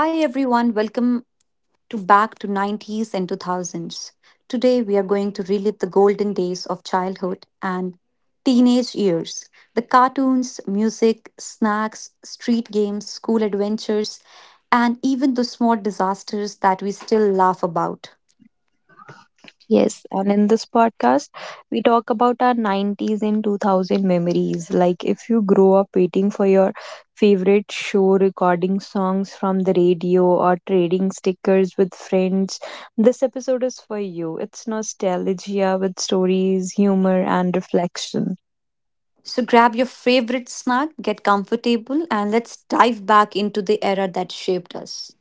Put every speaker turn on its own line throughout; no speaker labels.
Hi everyone, welcome to back to 90s and 2000s. Today we are going to relive the golden days of childhood and teenage years. The cartoons, music, snacks, street games, school adventures, and even the small disasters that we still laugh about.
Yes, and in this podcast, we talk about our 90s and 2000 memories. Like, if you grow up waiting for your favorite show, recording songs from the radio, or trading stickers with friends, this episode is for you. It's nostalgia with stories, humor, and reflection.
So grab your favorite snack, get comfortable, and let's dive back into the era that shaped us.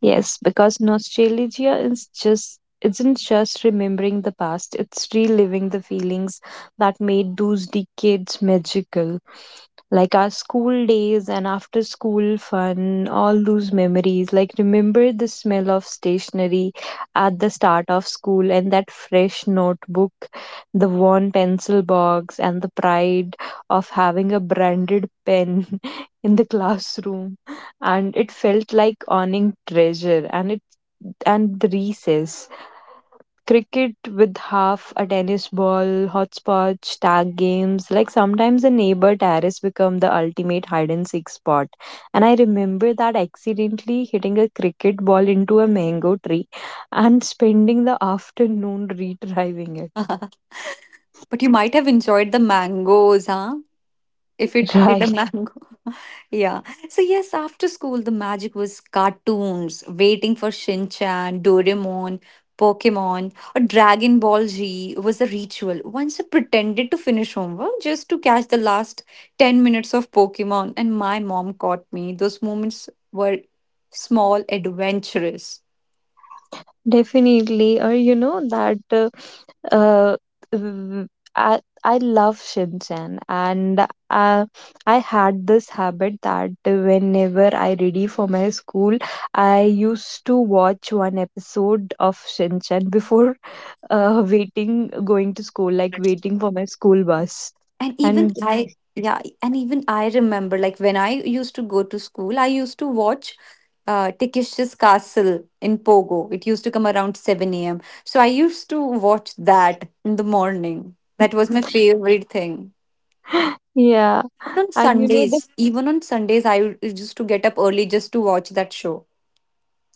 Yes, because nostalgia is just isn't just remembering the past, it's reliving the feelings that made those decades magical. Like our school days and after school fun, all those memories. Like, remember the smell of stationery at the start of school and that fresh notebook, the worn pencil box, and the pride of having a branded pen in the classroom. And it felt like owning treasure and the recess cricket with half a tennis ball, hopscotch, tag games. Like sometimes the neighbor terrace become the ultimate hide and seek spot. And I remember that accidentally hitting a cricket ball into a mango tree and spending the afternoon retrieving it.
But you might have enjoyed the mangoes, huh? If it hit a
Right,
mango. Yeah. So yes, after school the magic was cartoons, waiting for Shin Chan, Doraemon, Pokemon, or Dragon Ball Z was a ritual. Once I pretended to finish homework just to catch the last 10 minutes of Pokemon, and my mom caught me. Those moments were small, adventurous.
definitely. Or uh, mm, I love Shinchan, and I had this habit that whenever I ready for my school, I used to watch one episode of Shinchan before waiting going to school, like waiting for my school bus.
And even
And
I Yeah, and even I remember, like, when I used to go to school, I used to watch Tikish's Castle in Pogo. It used to come around 7 a.m. So I used to watch that in the morning. That was my favorite thing.
yeah, and you know the
Even on Sundays, used to get up early just to watch that show.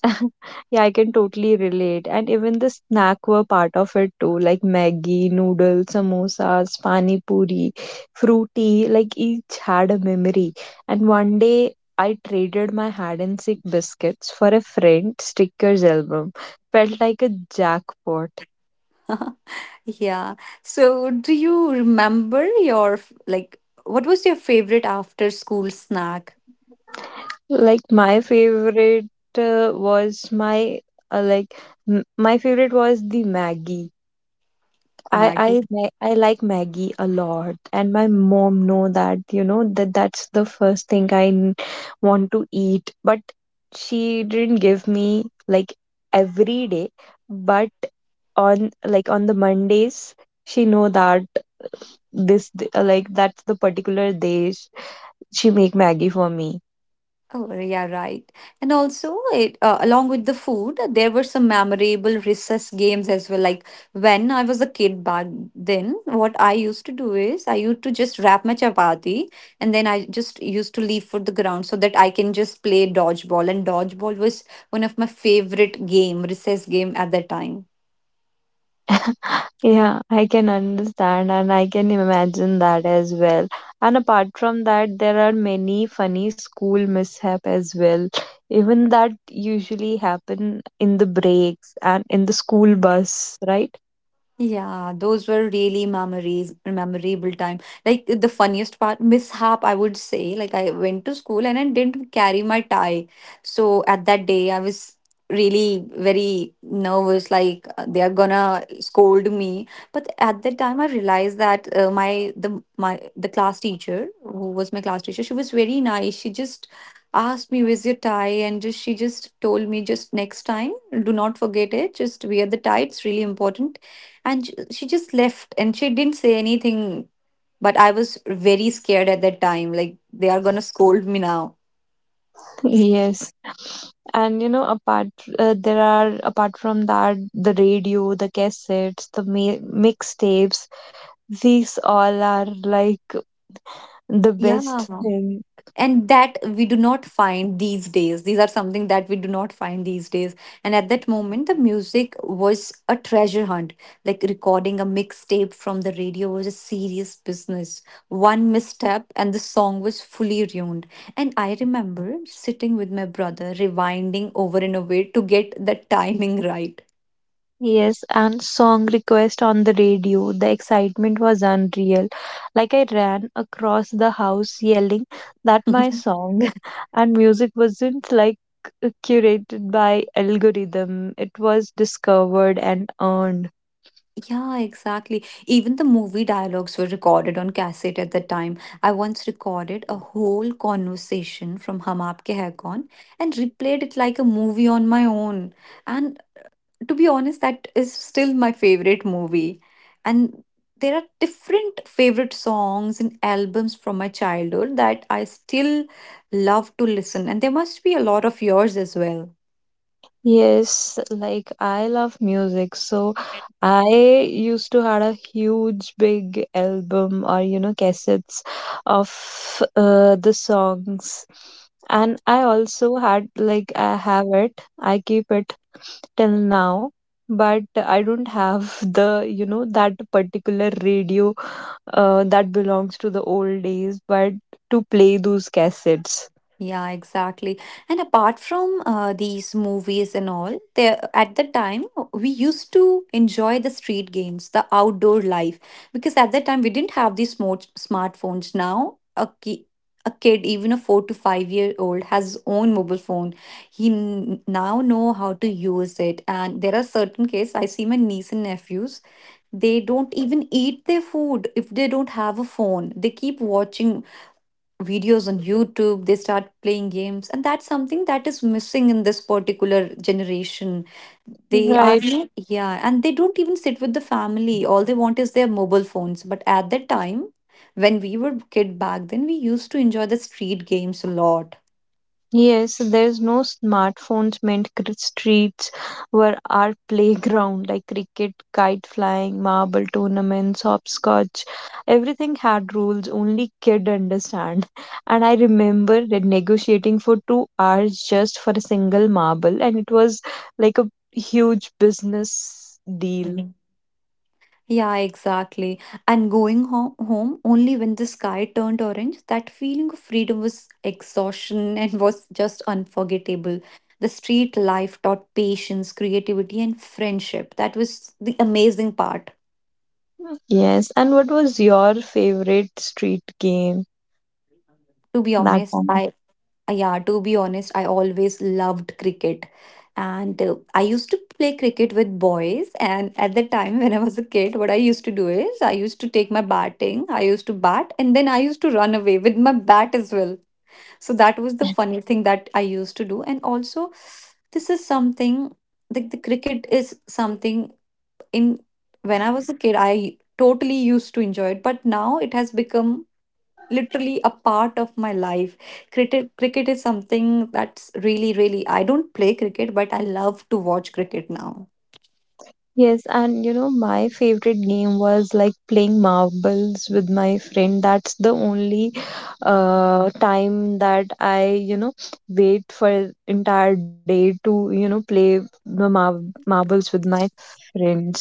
Yeah, I can totally relate. And even the snack were part of it too, like Maggie, noodles, samosas, pani puri, fruity, like each had a memory. And one day I traded my hide and seek biscuits for a friend stickers album. Felt like a jackpot.
Yeah. So do you remember your, like, what was your favorite after school snack?
Like my favorite was my like m- my favorite was the Maggie. I I
Maggie?
ma- I like Maggie a lot, and my mom know that you know that that's the first thing I want to eat. But she didn't give me like every day, but on the Mondays she know that this d- like that's the particular day she make Maggie for me.
Oh, yeah, right. And also, it along with the food, there were some memorable recess games as well. Like when I was a kid back then, what I used to do is I used to just wrap my chapati and then I just used to leave for the ground so that I can just play dodgeball. And dodgeball was one of my favorite game, recess game at that time.
Yeah, I can understand and I can imagine that as well. And apart from that, there are many funny school mishap as well. Even that usually happen in the breaks and in the school bus, right?
Yeah, those were really memorable time. Like the funniest part, mishap, I would say. Like I went to school and I didn't carry my tie. So at that day, I was really very nervous. Like they are gonna scold me. But at that time, I realized that my the class teacher who was my class teacher, she was very nice. She just asked me where's your tie and just told me just next time do not forget it, just wear the tie, it's really important. And she just left and she didn't say anything, but I was very scared at that time, like they are gonna scold me now.
Yes. And you know, apart from that, the radio, the cassettes, the mixtapes, these all are like the best
Yeah,
thing.
and that we do not find these days these are something that we do not find these days. And at that moment the music was a treasure hunt. Like recording a mixtape from the radio was a serious business. One misstep and the song was fully ruined. And I remember sitting with my brother rewinding over and over to get the timing right.
Yes, and song request on the radio. The excitement was unreal. Like I ran across the house yelling that my song and music wasn't like curated by algorithm. It was discovered and earned.
Yeah, exactly. Even the movie dialogues were recorded on cassette at the time. I once recorded a whole conversation from Hum Aapke Hai Kaun and replayed it like a movie on my own. And to be honest, that is still my favorite movie. And there are different favorite songs and albums from my childhood that I still love to listen. And there must be a lot of yours as well.
Yes, like I love music. So I used to had a huge big album or you know cassettes of the songs. And I also had like I have it. I keep it till now. But I don't have the, you know, that particular radio that belongs to the old days, but to play those cassettes.
Yeah, exactly. And apart from these movies and all, there at the time we used to enjoy the street games, the outdoor life, because at that time we didn't have these smartphones. Now a kid, even a 4 to 5 year old, has his own mobile phone. He now know how to use it, and there are certain cases I see my niece and nephews. They don't even eat their food if they don't have a phone. They keep watching videos on YouTube, they start playing games, and that's something that is missing in this particular generation. They are
Right.
not, Yeah, and they don't even sit with the family. All they want is their mobile phones. But at that time, when we were kid back then, we used to enjoy the street games a lot.
Yes, there's no smartphones meant streets were our playground, like cricket, kite flying, marble tournaments, hopscotch. Everything had rules only kid understand. And I remember that negotiating for 2 hours just for a single marble, and it was like a huge business deal.
Yeah, exactly. And going home only when the sky turned orange, that feeling of freedom was exhaustion and was just unforgettable. The street life taught patience, creativity, and friendship. That was the amazing part.
Hmm. Yes, and what was your favorite street game
To be
that
honest,
time?
I Yeah, to be honest, I always loved cricket. And I used to play cricket with boys. And at the time when I was a kid, what I used to do is I used to bat, and then I used to run away with my bat as well. So that was the funny thing that I used to do. And also, this is something, like, the cricket is something in when I was a kid, I totally used to enjoy it, but now it has become literally a part of my life. Cricket is something that's really, I don't play cricket, but I love to watch cricket now.
Yes, and you know, my favorite game was like playing marbles with my friend. That's the only time that I, you know, wait for entire day to, you know, play the marbles with my friends.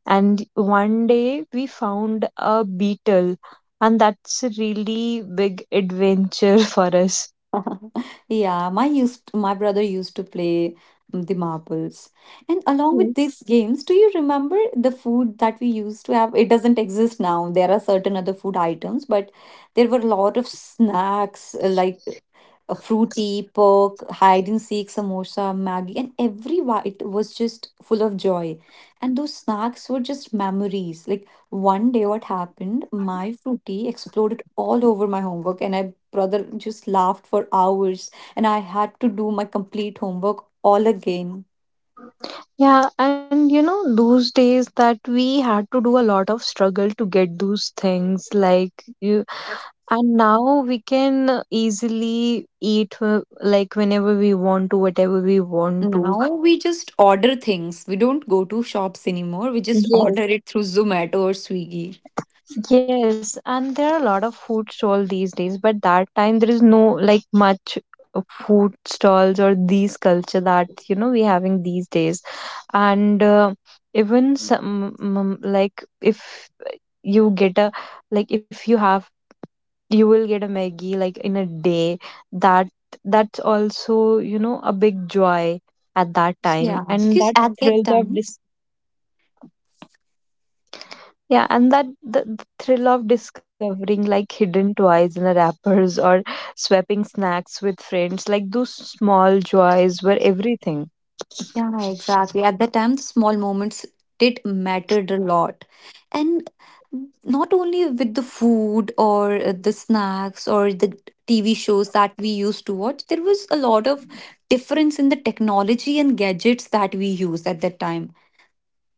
And one day we found a beetle, and that's a really big adventure for us.
Yeah, my brother used to play the marbles. And along with these games, do you remember the food that we used to have? It doesn't exist now. There are certain other food items, but there were a lot of snacks like a fruity, pork, hide and seek, samosa, Maggie, and every bite was just full of joy. And those snacks were just memories. Like one day, what happened? My fruity exploded all over my homework, and my brother just laughed for hours, and I had to do my complete homework all again.
Yeah, and you know, those days that we had to do a lot of struggle to get those things like you, and now we can easily eat like whenever we want to, whatever we want to.
Now we just order things. We don't go to shops anymore. We just order it
Yes.
through Zomato or Swiggy.
Yes, and there are a lot of food stall these days, but that time there is no like much food stalls or these culture that you know we having these days. And even some like if you get a like if you have you will get a Maggie like in a day that that's also you know a big joy at that
Yeah,
time, and
because
that
at that
thrill of
time.
dis- yeah, and the thrill of discovering like hidden toys in the wrappers or swapping snacks with friends, like those small joys were everything.
Yeah, exactly. At that time, the small moments did mattered a lot. And not only with the food or the snacks or the TV shows that we used to watch, there was a lot of difference in the technology and gadgets that we used at that time.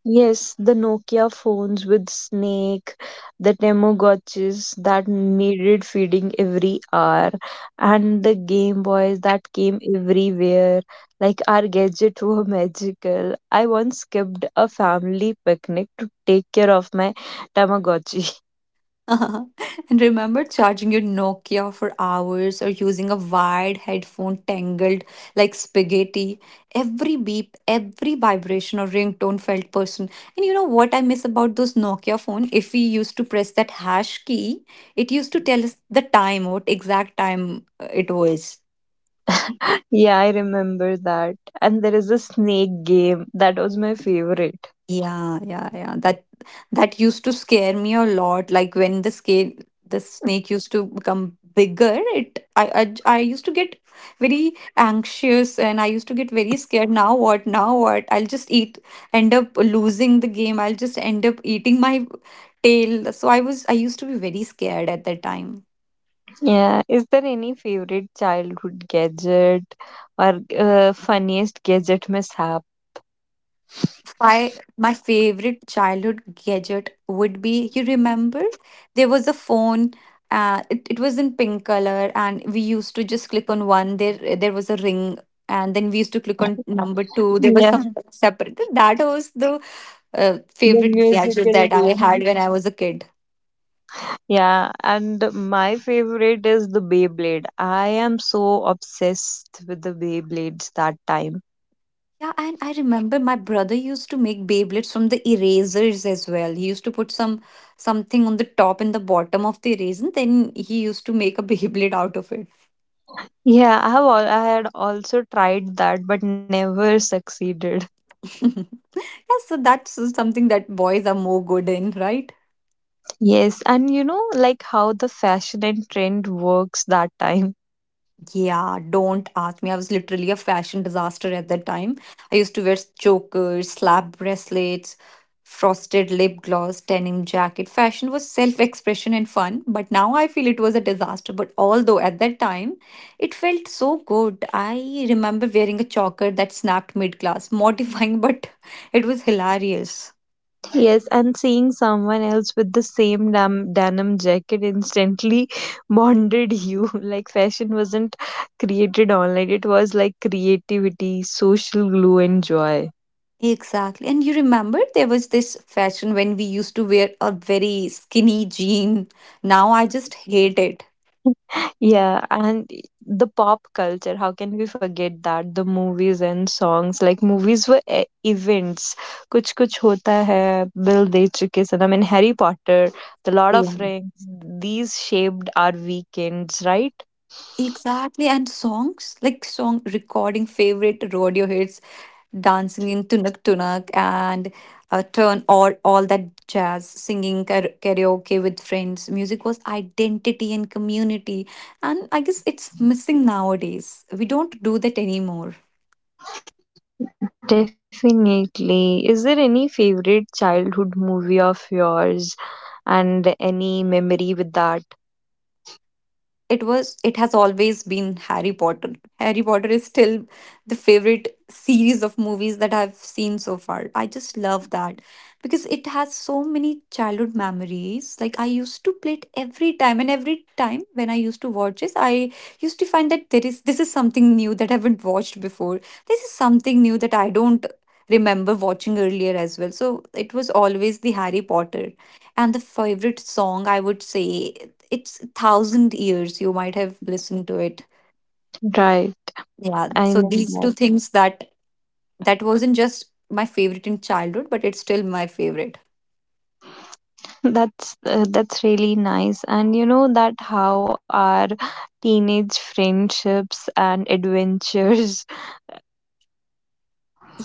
Yes, the Nokia phones with snake, the Tamagotchis that needed feeding every hour, and the Game Boys that came everywhere. Like our gadgets were magical. I once skipped a family picnic to take care of my Tamagotchi.
And remember charging your Nokia for hours or using a wired headphone tangled like spaghetti. Every beep, every vibration or ringtone felt person. And you know what I miss about those Nokia phone? If we used to press that hash key, it used to tell us the time, what exact time it was.
Yeah, I remember that. And there is a snake game that was my favorite.
Yeah, yeah, yeah. That used to scare me a lot. Like when the snake used to become bigger, it I used to get very anxious and I used to get very scared. Now what? Now what? I'll just eat End up losing the game. I'll just end up eating my tail. So I used to be very scared at that time.
Yeah, is there any favorite childhood gadget or funniest gadget mishap?
My favorite childhood gadget would be, you remember there was a phone, it was in pink color and we used to just click on one, there was a ring, and then we used to click on number two, there was
Yeah,
some Hmm. separate. That was the
the
favorite gadget
musical
that I
game.
had when I was a kid.
Yeah, and my favorite is the Beyblade. I am so obsessed with the Beyblades that time.
Yeah, and I remember my brother used to make beyblades from the erasers as well. He used to put something on the top and the bottom of the eraser, and then he used to make a beyblade out of
Yeah, I have all I had also tried that but never succeeded.
it. Yeah, so that's something that boys are more good in, right?
Yes, and you know like how the fashion and trend works that time.
Yeah, don't ask me. I was literally a fashion disaster at that time. I used to wear chokers, slap bracelets, frosted lip gloss, denim jacket. Fashion was self expression and fun, but now I feel it was a disaster. But although at that time it felt so good, I remember wearing a choker that snapped mid class, mortifying, but it was hilarious.
Yes, and seeing someone else with the same denim jacket instantly bonded you. Like, fashion wasn't created online, it was like creativity, social glue, and joy.
Exactly. And you remember there was this fashion when we used to wear a very skinny jean. Now I just hate it.
Yeah, and the pop culture, how can we forget that? The movies and songs, like, movies were events. Kuch Kuch Hota Hai, Bill De Chuke Sanam, and Harry Potter, The Lord of
Yeah.
Rings, these shaped our weekends, right?
Exactly. And songs like song recording favorite rodeo hits, dancing in Tunak Tunak and turn all that jazz, singing karaoke with friends. Music was identity and community. And I guess it's missing nowadays. We don't do that anymore.
Definitely. Is there any favorite childhood movie of yours and any memory with that?
It was, it has always been Harry Potter. Harry Potter is still the favorite series of movies that I've seen so far. I just love that because it has so many childhood memories. Like I used to play it every time, and every time when I used to watch this, I used to find that there is, this is something new that I haven't watched before, this is something new that I don't remember watching earlier as well. So it was always the Harry Potter. And the favorite song, I would say, it's Thousand Years. You might have listened to it.
Right.
Yeah.
I
So
know
these
that.
two things, that that wasn't just my favorite in childhood, but it's still my favorite.
That's really nice. And you know that how our teenage friendships and adventures.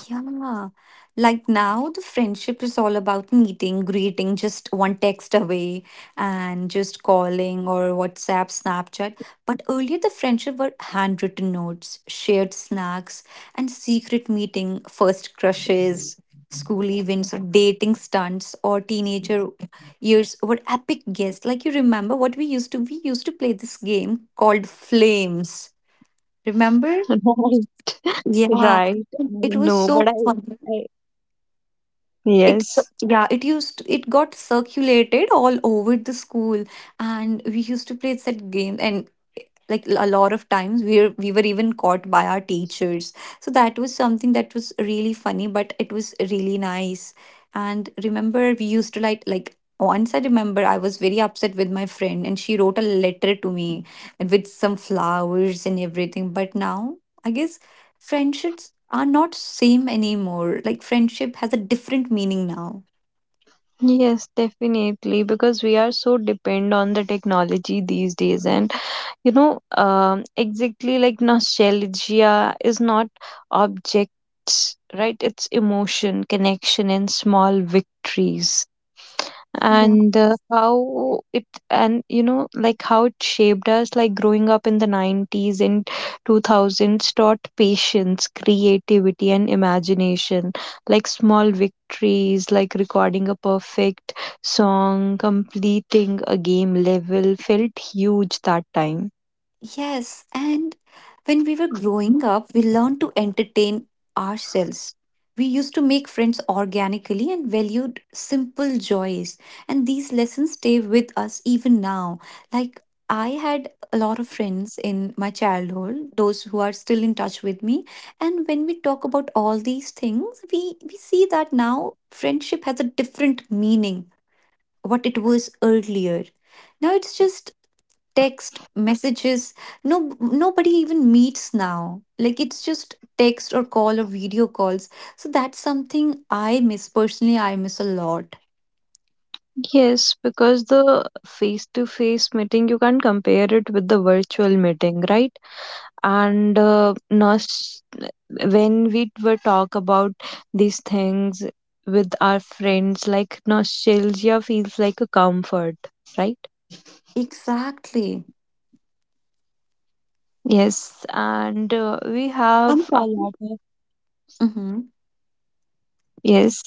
Yeah. Like now, the friendship is all about meeting, greeting, just one text away, and just calling or WhatsApp, Snapchat. But earlier, the friendship were handwritten notes, shared snacks, and secret meeting, first crushes, school events, or dating stunts, or teenager years were epic guests. Like you remember what we used to play this game called Flames. Remember?
Right.
Yeah.
Right. I
It was
know,
so
but I,
fun.
I
It's
yes.
Yeah, it used it got circulated all over the school, and we used to play that game. And like a lot of times we were even caught by our teachers, so that was something that was really funny, but it was really nice. And remember we used to like once, I remember I was very upset with my friend and she wrote a letter to me with some flowers and everything. But now, I guess friendships are not same anymore, like friendship has a different meaning now.
Yes, definitely, because we are so depend on the technology these days, and you know exactly like nostalgia is not objects, right? It's emotion, connection, and small victories.
Yeah.
And how it, and you know like how it shaped us, like growing up in the 90s and 2000s taught patience, creativity, and imagination. Like small victories like recording a perfect song, completing a game level, felt huge that time.
Yes, and when we were growing up, we learned to entertain ourselves. We used to make friends organically and valued simple joys. And these lessons stay with us even now. Like, I had a lot of friends in my childhood, those who are still in touch with me. And when we talk about all these things, we see that now friendship has a different meaning, what it was earlier. Now it's just text messages. No, nobody even meets now, like it's just text or call or video calls. So that's something I miss personally, I miss a lot.
Yes, because the face to face meeting, you can't compare it with the virtual meeting, right? And when we were talk about these things with our friends, like nostalgia feels like a comfort, right?
Exactly.
Yes, and we have a
Sometimes.
lot of,
Mm-hmm.
yes,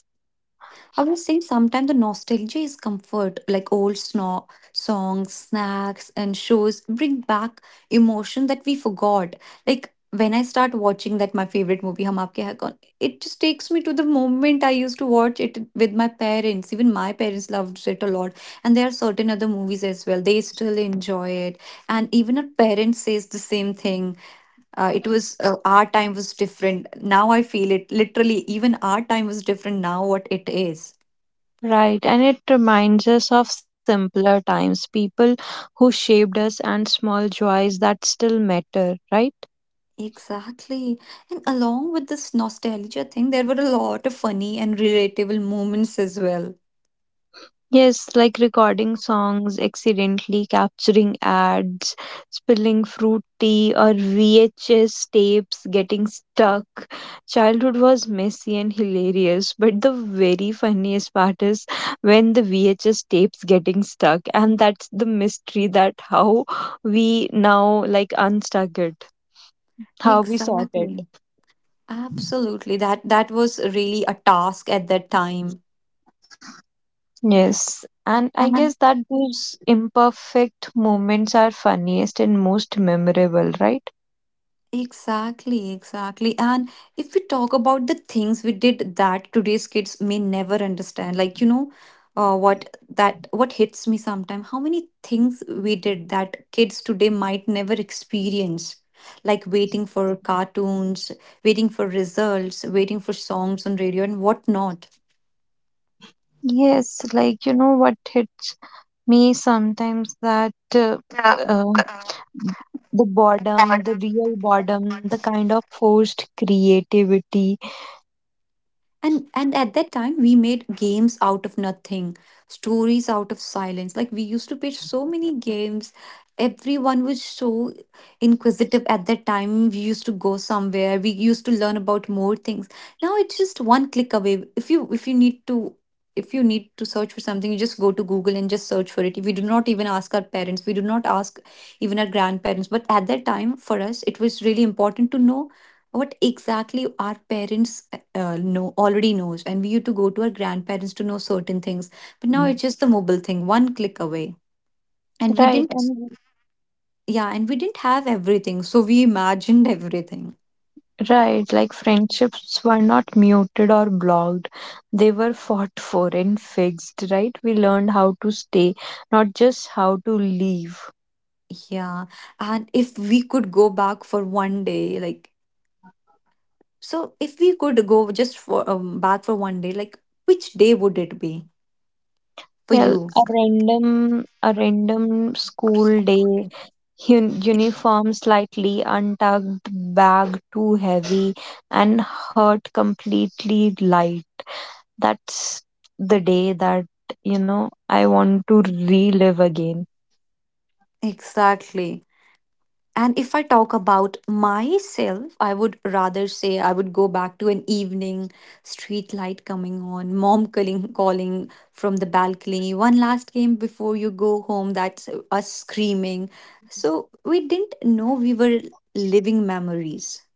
I would say sometimes the nostalgia is comfort, like songs, snacks, and shows bring back emotion that we forgot. Like when I start watching that my favorite movie, Hum Aapke Hai Kaun, it just takes me to the moment I used to watch it with my parents. Even my parents loved it a lot, and there are certain other movies as well. They still enjoy it, and even our parents says the same thing. It was our time was different. Now I feel it literally. Even our time was different now. What it is.
right. And it reminds us of simpler times, people who shaped us and small joys that still matter, right?
Exactly. And along with this nostalgia thing, there were a lot of funny and relatable moments as well.
Yes, like recording songs, accidentally capturing ads, spilling fruit tea or VHS tapes, getting stuck. Childhood was messy and hilarious, but the very funniest part is when the VHS tapes getting stuck, and that's the mystery that how we now like unstuck it, how we sort it.
Exactly. Absolutely. That was really a task at that time.
Yes. And I guess
And
that those imperfect moments are funniest and most memorable, right?
exactly, exactly. And if we talk about the things we did that today's kids may never understand, like you know, what hits me sometimes, how many things we did that kids today might never experience, like waiting for cartoons, waiting for results, waiting for songs on radio and whatnot.
Yes, like you know what hits me sometimes that
Yeah.
uh, the boredom, the real boredom, the kind of forced creativity,
And at that time we made games out of nothing, stories out of silence. Like we used to play so many games, everyone was so inquisitive. At that time we used to go somewhere, we used to learn about more things. Now it's just one click away. If you need to, if you need to search for something, you just go to Google and just search for it. We do not even ask our parents, we do not ask even our grandparents. But at that time for us it was really important to know what exactly our parents know already knows, and we used to go to our grandparents to know certain things. But now
Mm.
it's just the mobile thing, one click away. And we
right?
didn't.
And
Yeah, and we didn't have everything, so we imagined everything.
right, like friendships were not muted or blocked, they were fought for and fixed, right? We learned how to stay, not just how to leave.
Yeah. And if we could go back for one day, like, so if we could go just for back for one day, like, which day would it be for
Yeah,
you?
a random school day. Uniform slightly untucked, bag too heavy, and hurt completely light. That's the day that, you know, I want to relive again.
Exactly. And if I talk about myself, I would rather say I would go back to an evening, street light coming on, mom calling, calling from the balcony, one last game before you go home, that's us screaming. So we didn't know we were living memories.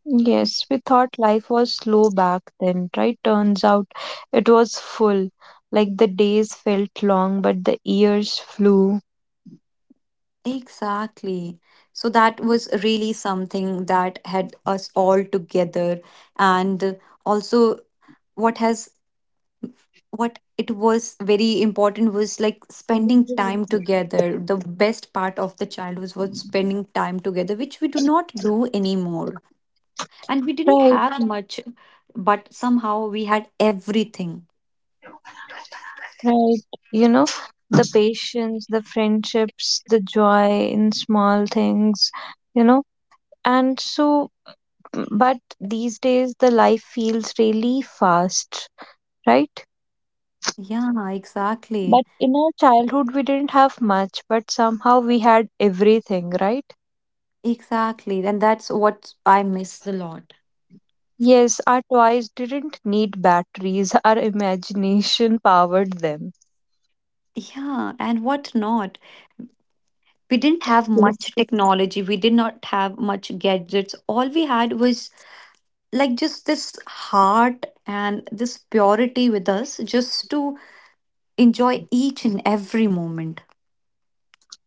Yes, we thought life was slow back then, right? Turns out it was full. Like the days felt long, but the years flew.
Exactly. So that was really something that had us all together. And also, what has what it was very important was like spending time together. The best part of the childhood was spending time together, which we do not do anymore. And we didn't
Right,
have much, but somehow we had everything.
right. You know, the patience, the friendships, the joy in small things, you know. And so, but these days the life feels really fast, right?
Yeah, exactly.
But in our childhood, we didn't have much, but somehow we had everything, right?
Exactly, and that's what I miss a lot.
Yes, our toys didn't need batteries, our imagination powered them.
Yeah, and what not. We didn't have much
Yes,
technology, we did not have much gadgets. All we had was like just this heart and this purity with us, just to enjoy each and every moment.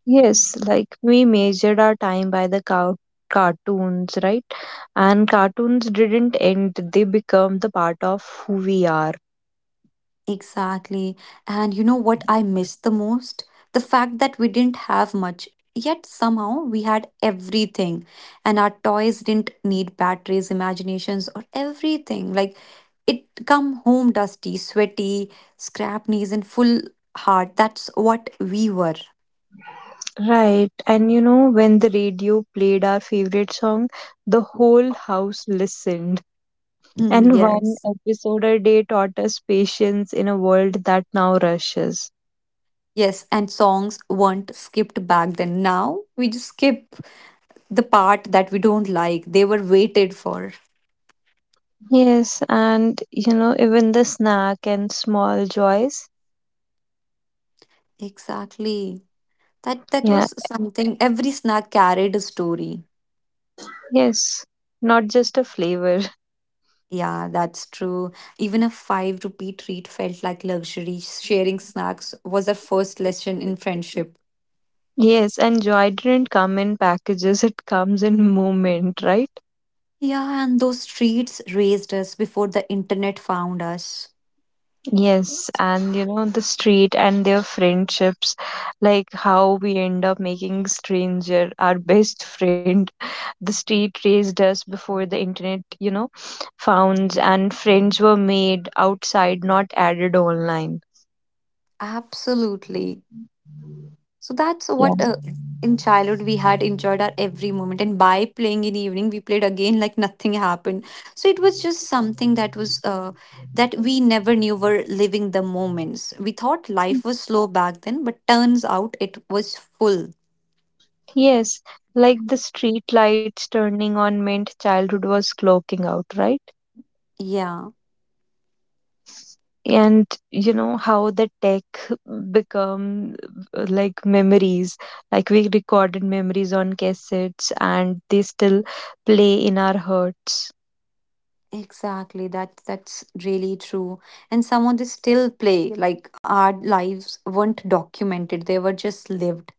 yes, like we measured our time by the cartoons, right? And cartoons didn't end, they become the part of who we are.
Exactly. And you know what I miss the most, the fact that we didn't have much, yet somehow we had everything. And our toys didn't need batteries, imaginations or everything. Like, it come home dusty, sweaty, scrap knees, and full heart, that's what we were.
Right. And you know, when the radio played our favorite song, the whole house listened.
Hmm,
And one
yes.
episode a day taught us patience in a world that now rushes.
Yes, and songs weren't skipped back then. Now we just skip the part that we don't like. They were waited for.
Yes. And you know, even the snack and small joys.
Exactly. That
Yeah.
was something, every snack carried a story.
Yes. Not just a flavor.
Yeah, that's true. Even a 5 rupee treat felt like luxury. Sharing snacks was our first lesson in friendship.
Yes. And joy didn't come in packages, it comes in moment, right?
Yeah, and those streets raised us before the internet found us.
Yes, and you know, the street and their friendships, like how we end up making stranger our best friend. The street raised us before the internet, you know, founds and friends were made outside, not added online.
Absolutely. So that's
Yeah.
what in childhood we had enjoyed our every moment. And by playing in evening, we played again like nothing happened. So it was just something that was that we never knew were living the moments. We thought life was slow back then, but turns out it was full.
Yes, like the street lights turning on meant childhood was clocking out, right?
Yeah,
And you know how the tech become like memories, like we recorded memories on cassettes and they still play in our hearts.
exactly. That's really true. And some of they still play, like our lives weren't documented; they were just lived.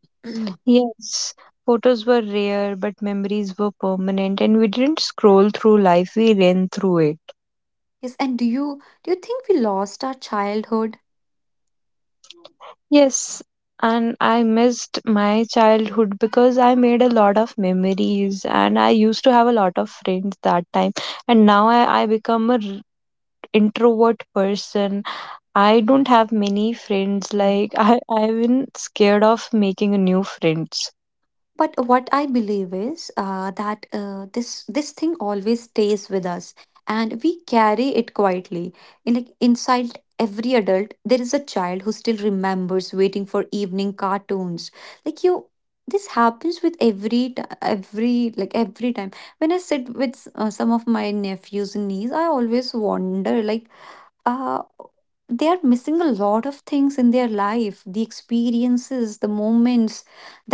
Yes.
Yes, photos were rare but memories were permanent, and we didn't scroll through life, we ran through it.
And do you think we lost our childhood?
Yes, and I missed my childhood because I made a lot of memories and I used to have a lot of friends that time. And now I become introvert person. I don't have many friends. Like I've been scared of making a new friends.
But what I believe is that this thing always stays with us, and we carry it quietly. Like inside every adult, there is a child who still remembers waiting for evening cartoons. Like you, this happens with every every like every time when I sit with some of my nephews and nieces, I always wonder like uh, they are missing a lot of things in their life, the experiences, the moments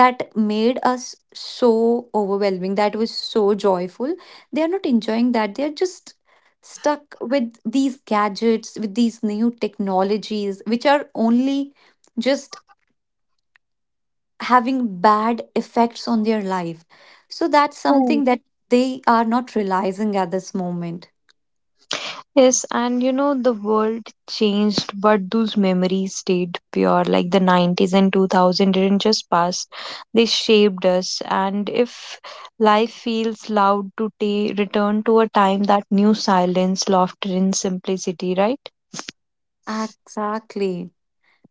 that made us so overwhelming, that was so joyful. They are not enjoying that, they are just stuck with these gadgets, with these new technologies, which are only just having bad effects on their life. So that's
Right.
something that they are not realizing at this moment.
Yes, and you know the world changed, but those memories stayed pure. Like the 90s and 2000 didn't just pass; they shaped us. And if life feels loud to return to a time that knew silence, laughter, and simplicity, right?
Exactly.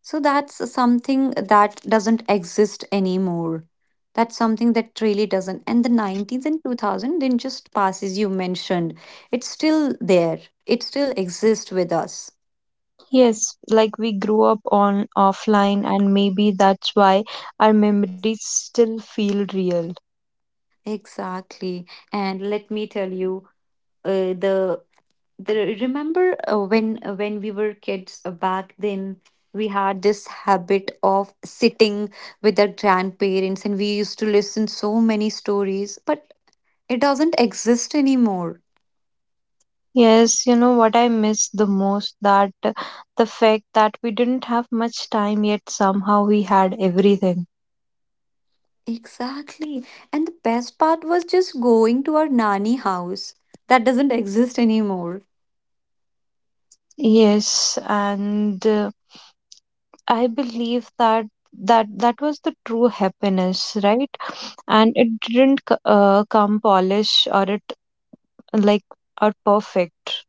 So that's something that doesn't exist anymore. That's something that really doesn't. And the 90s and 2000 didn't just pass, as you mentioned. It's still there. It still exists with us.
Yes, like we grew up on offline, and maybe that's why our memories still feel real.
Exactly. And let me tell you, uh, the the remember when we were kids back then, we had this habit of sitting with our grandparents and we used to listen so many stories, but it doesn't exist anymore.
Yes, you know what I miss the most that the fact that we didn't have much time yet somehow we had everything.
Exactly. And the best part was just going to our nanny house. That doesn't exist anymore.
Yes, and I believe that that was the true happiness, right? And it didn't come polish or it like or perfect.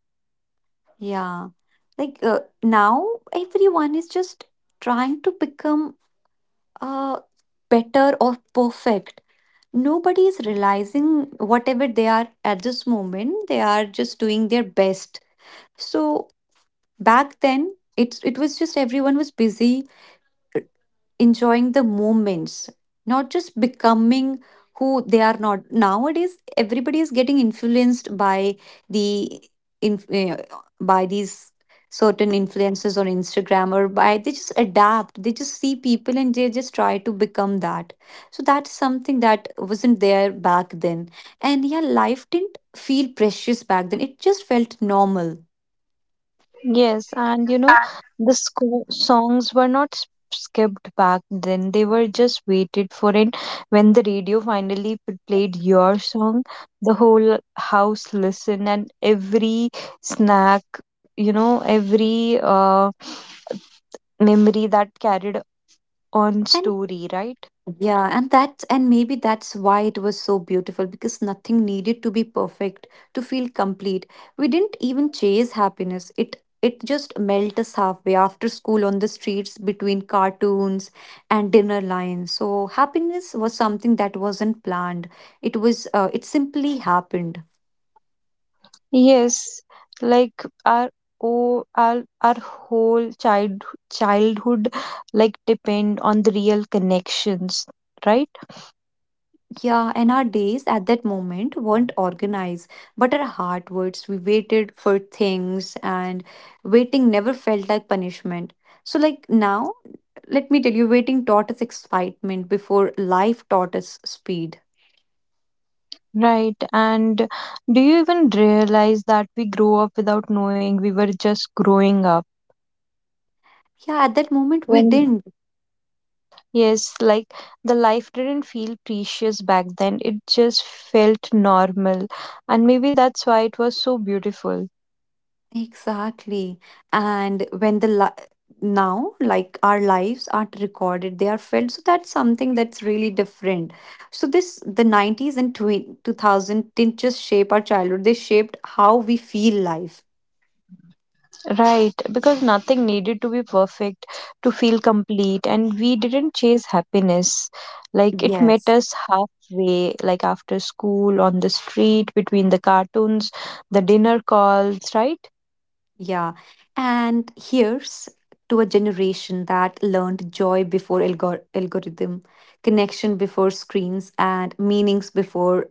Yeah. Like now, everyone is just trying to become uh, better or perfect. Nobody is realizing whatever they are at this moment, they are just doing their best. So back then, it was just everyone was busy enjoying the moments, not just becoming who they are not. Nowadays, everybody is getting influenced by the in, uh, by these certain influences on Instagram, or by they just adapt. They just see people and they just try to become that. So that's something that wasn't there back then. And yeah, life didn't feel precious back then. It just felt normal.
Yes, and you know, the songs were not skipped back then. They were just waited for it. When the radio finally played your song, the whole house listened, and every snack, you know, every memory that carried on story, right?
Yeah, and that, and maybe that's why it was so beautiful, because nothing needed to be perfect to feel complete. We didn't even chase happiness. It just melted us halfway, after school, on the streets, between cartoons and dinner lines. So happiness was something that wasn't planned. It was it simply happened.
Yes, like our oh our whole child childhood like depend on the real connections, right?
Yeah, and our days at that moment weren't organized, but our heart words. We waited for things, and waiting never felt like punishment. So, like now, let me tell you, waiting taught us excitement before life taught us speed.
Right. And do you even realize that we grow up without knowing we were just growing up?
Yeah, at that moment, we
When,
didn't.
yes, like the life didn't feel precious back then, it just felt normal. And maybe that's why it was so beautiful.
Exactly. And when the now, like our lives aren't recorded, they are felt. So that's something that's really different. So this the 90s and 2000 didn't just shape our childhood, they shaped how we feel life.
Right. Because nothing needed to be perfect to feel complete. And we didn't chase happiness. Like it met
Yes.
us halfway, like after school, on the street, between the cartoons, the dinner calls, right?
Yeah. And here's to a generation that learned joy before algorithm, connection before screens, and meanings before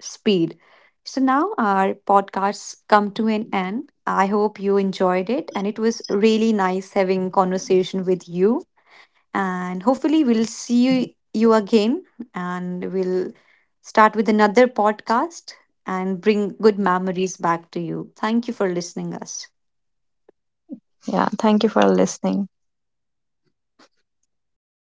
speed. So now our podcasts come to an end. I hope you enjoyed it, and it was really nice having conversation with you, and hopefully we'll see you again, and we'll start with another podcast and bring good memories back to you. Thank you for listening us.
Yeah, thank you for listening.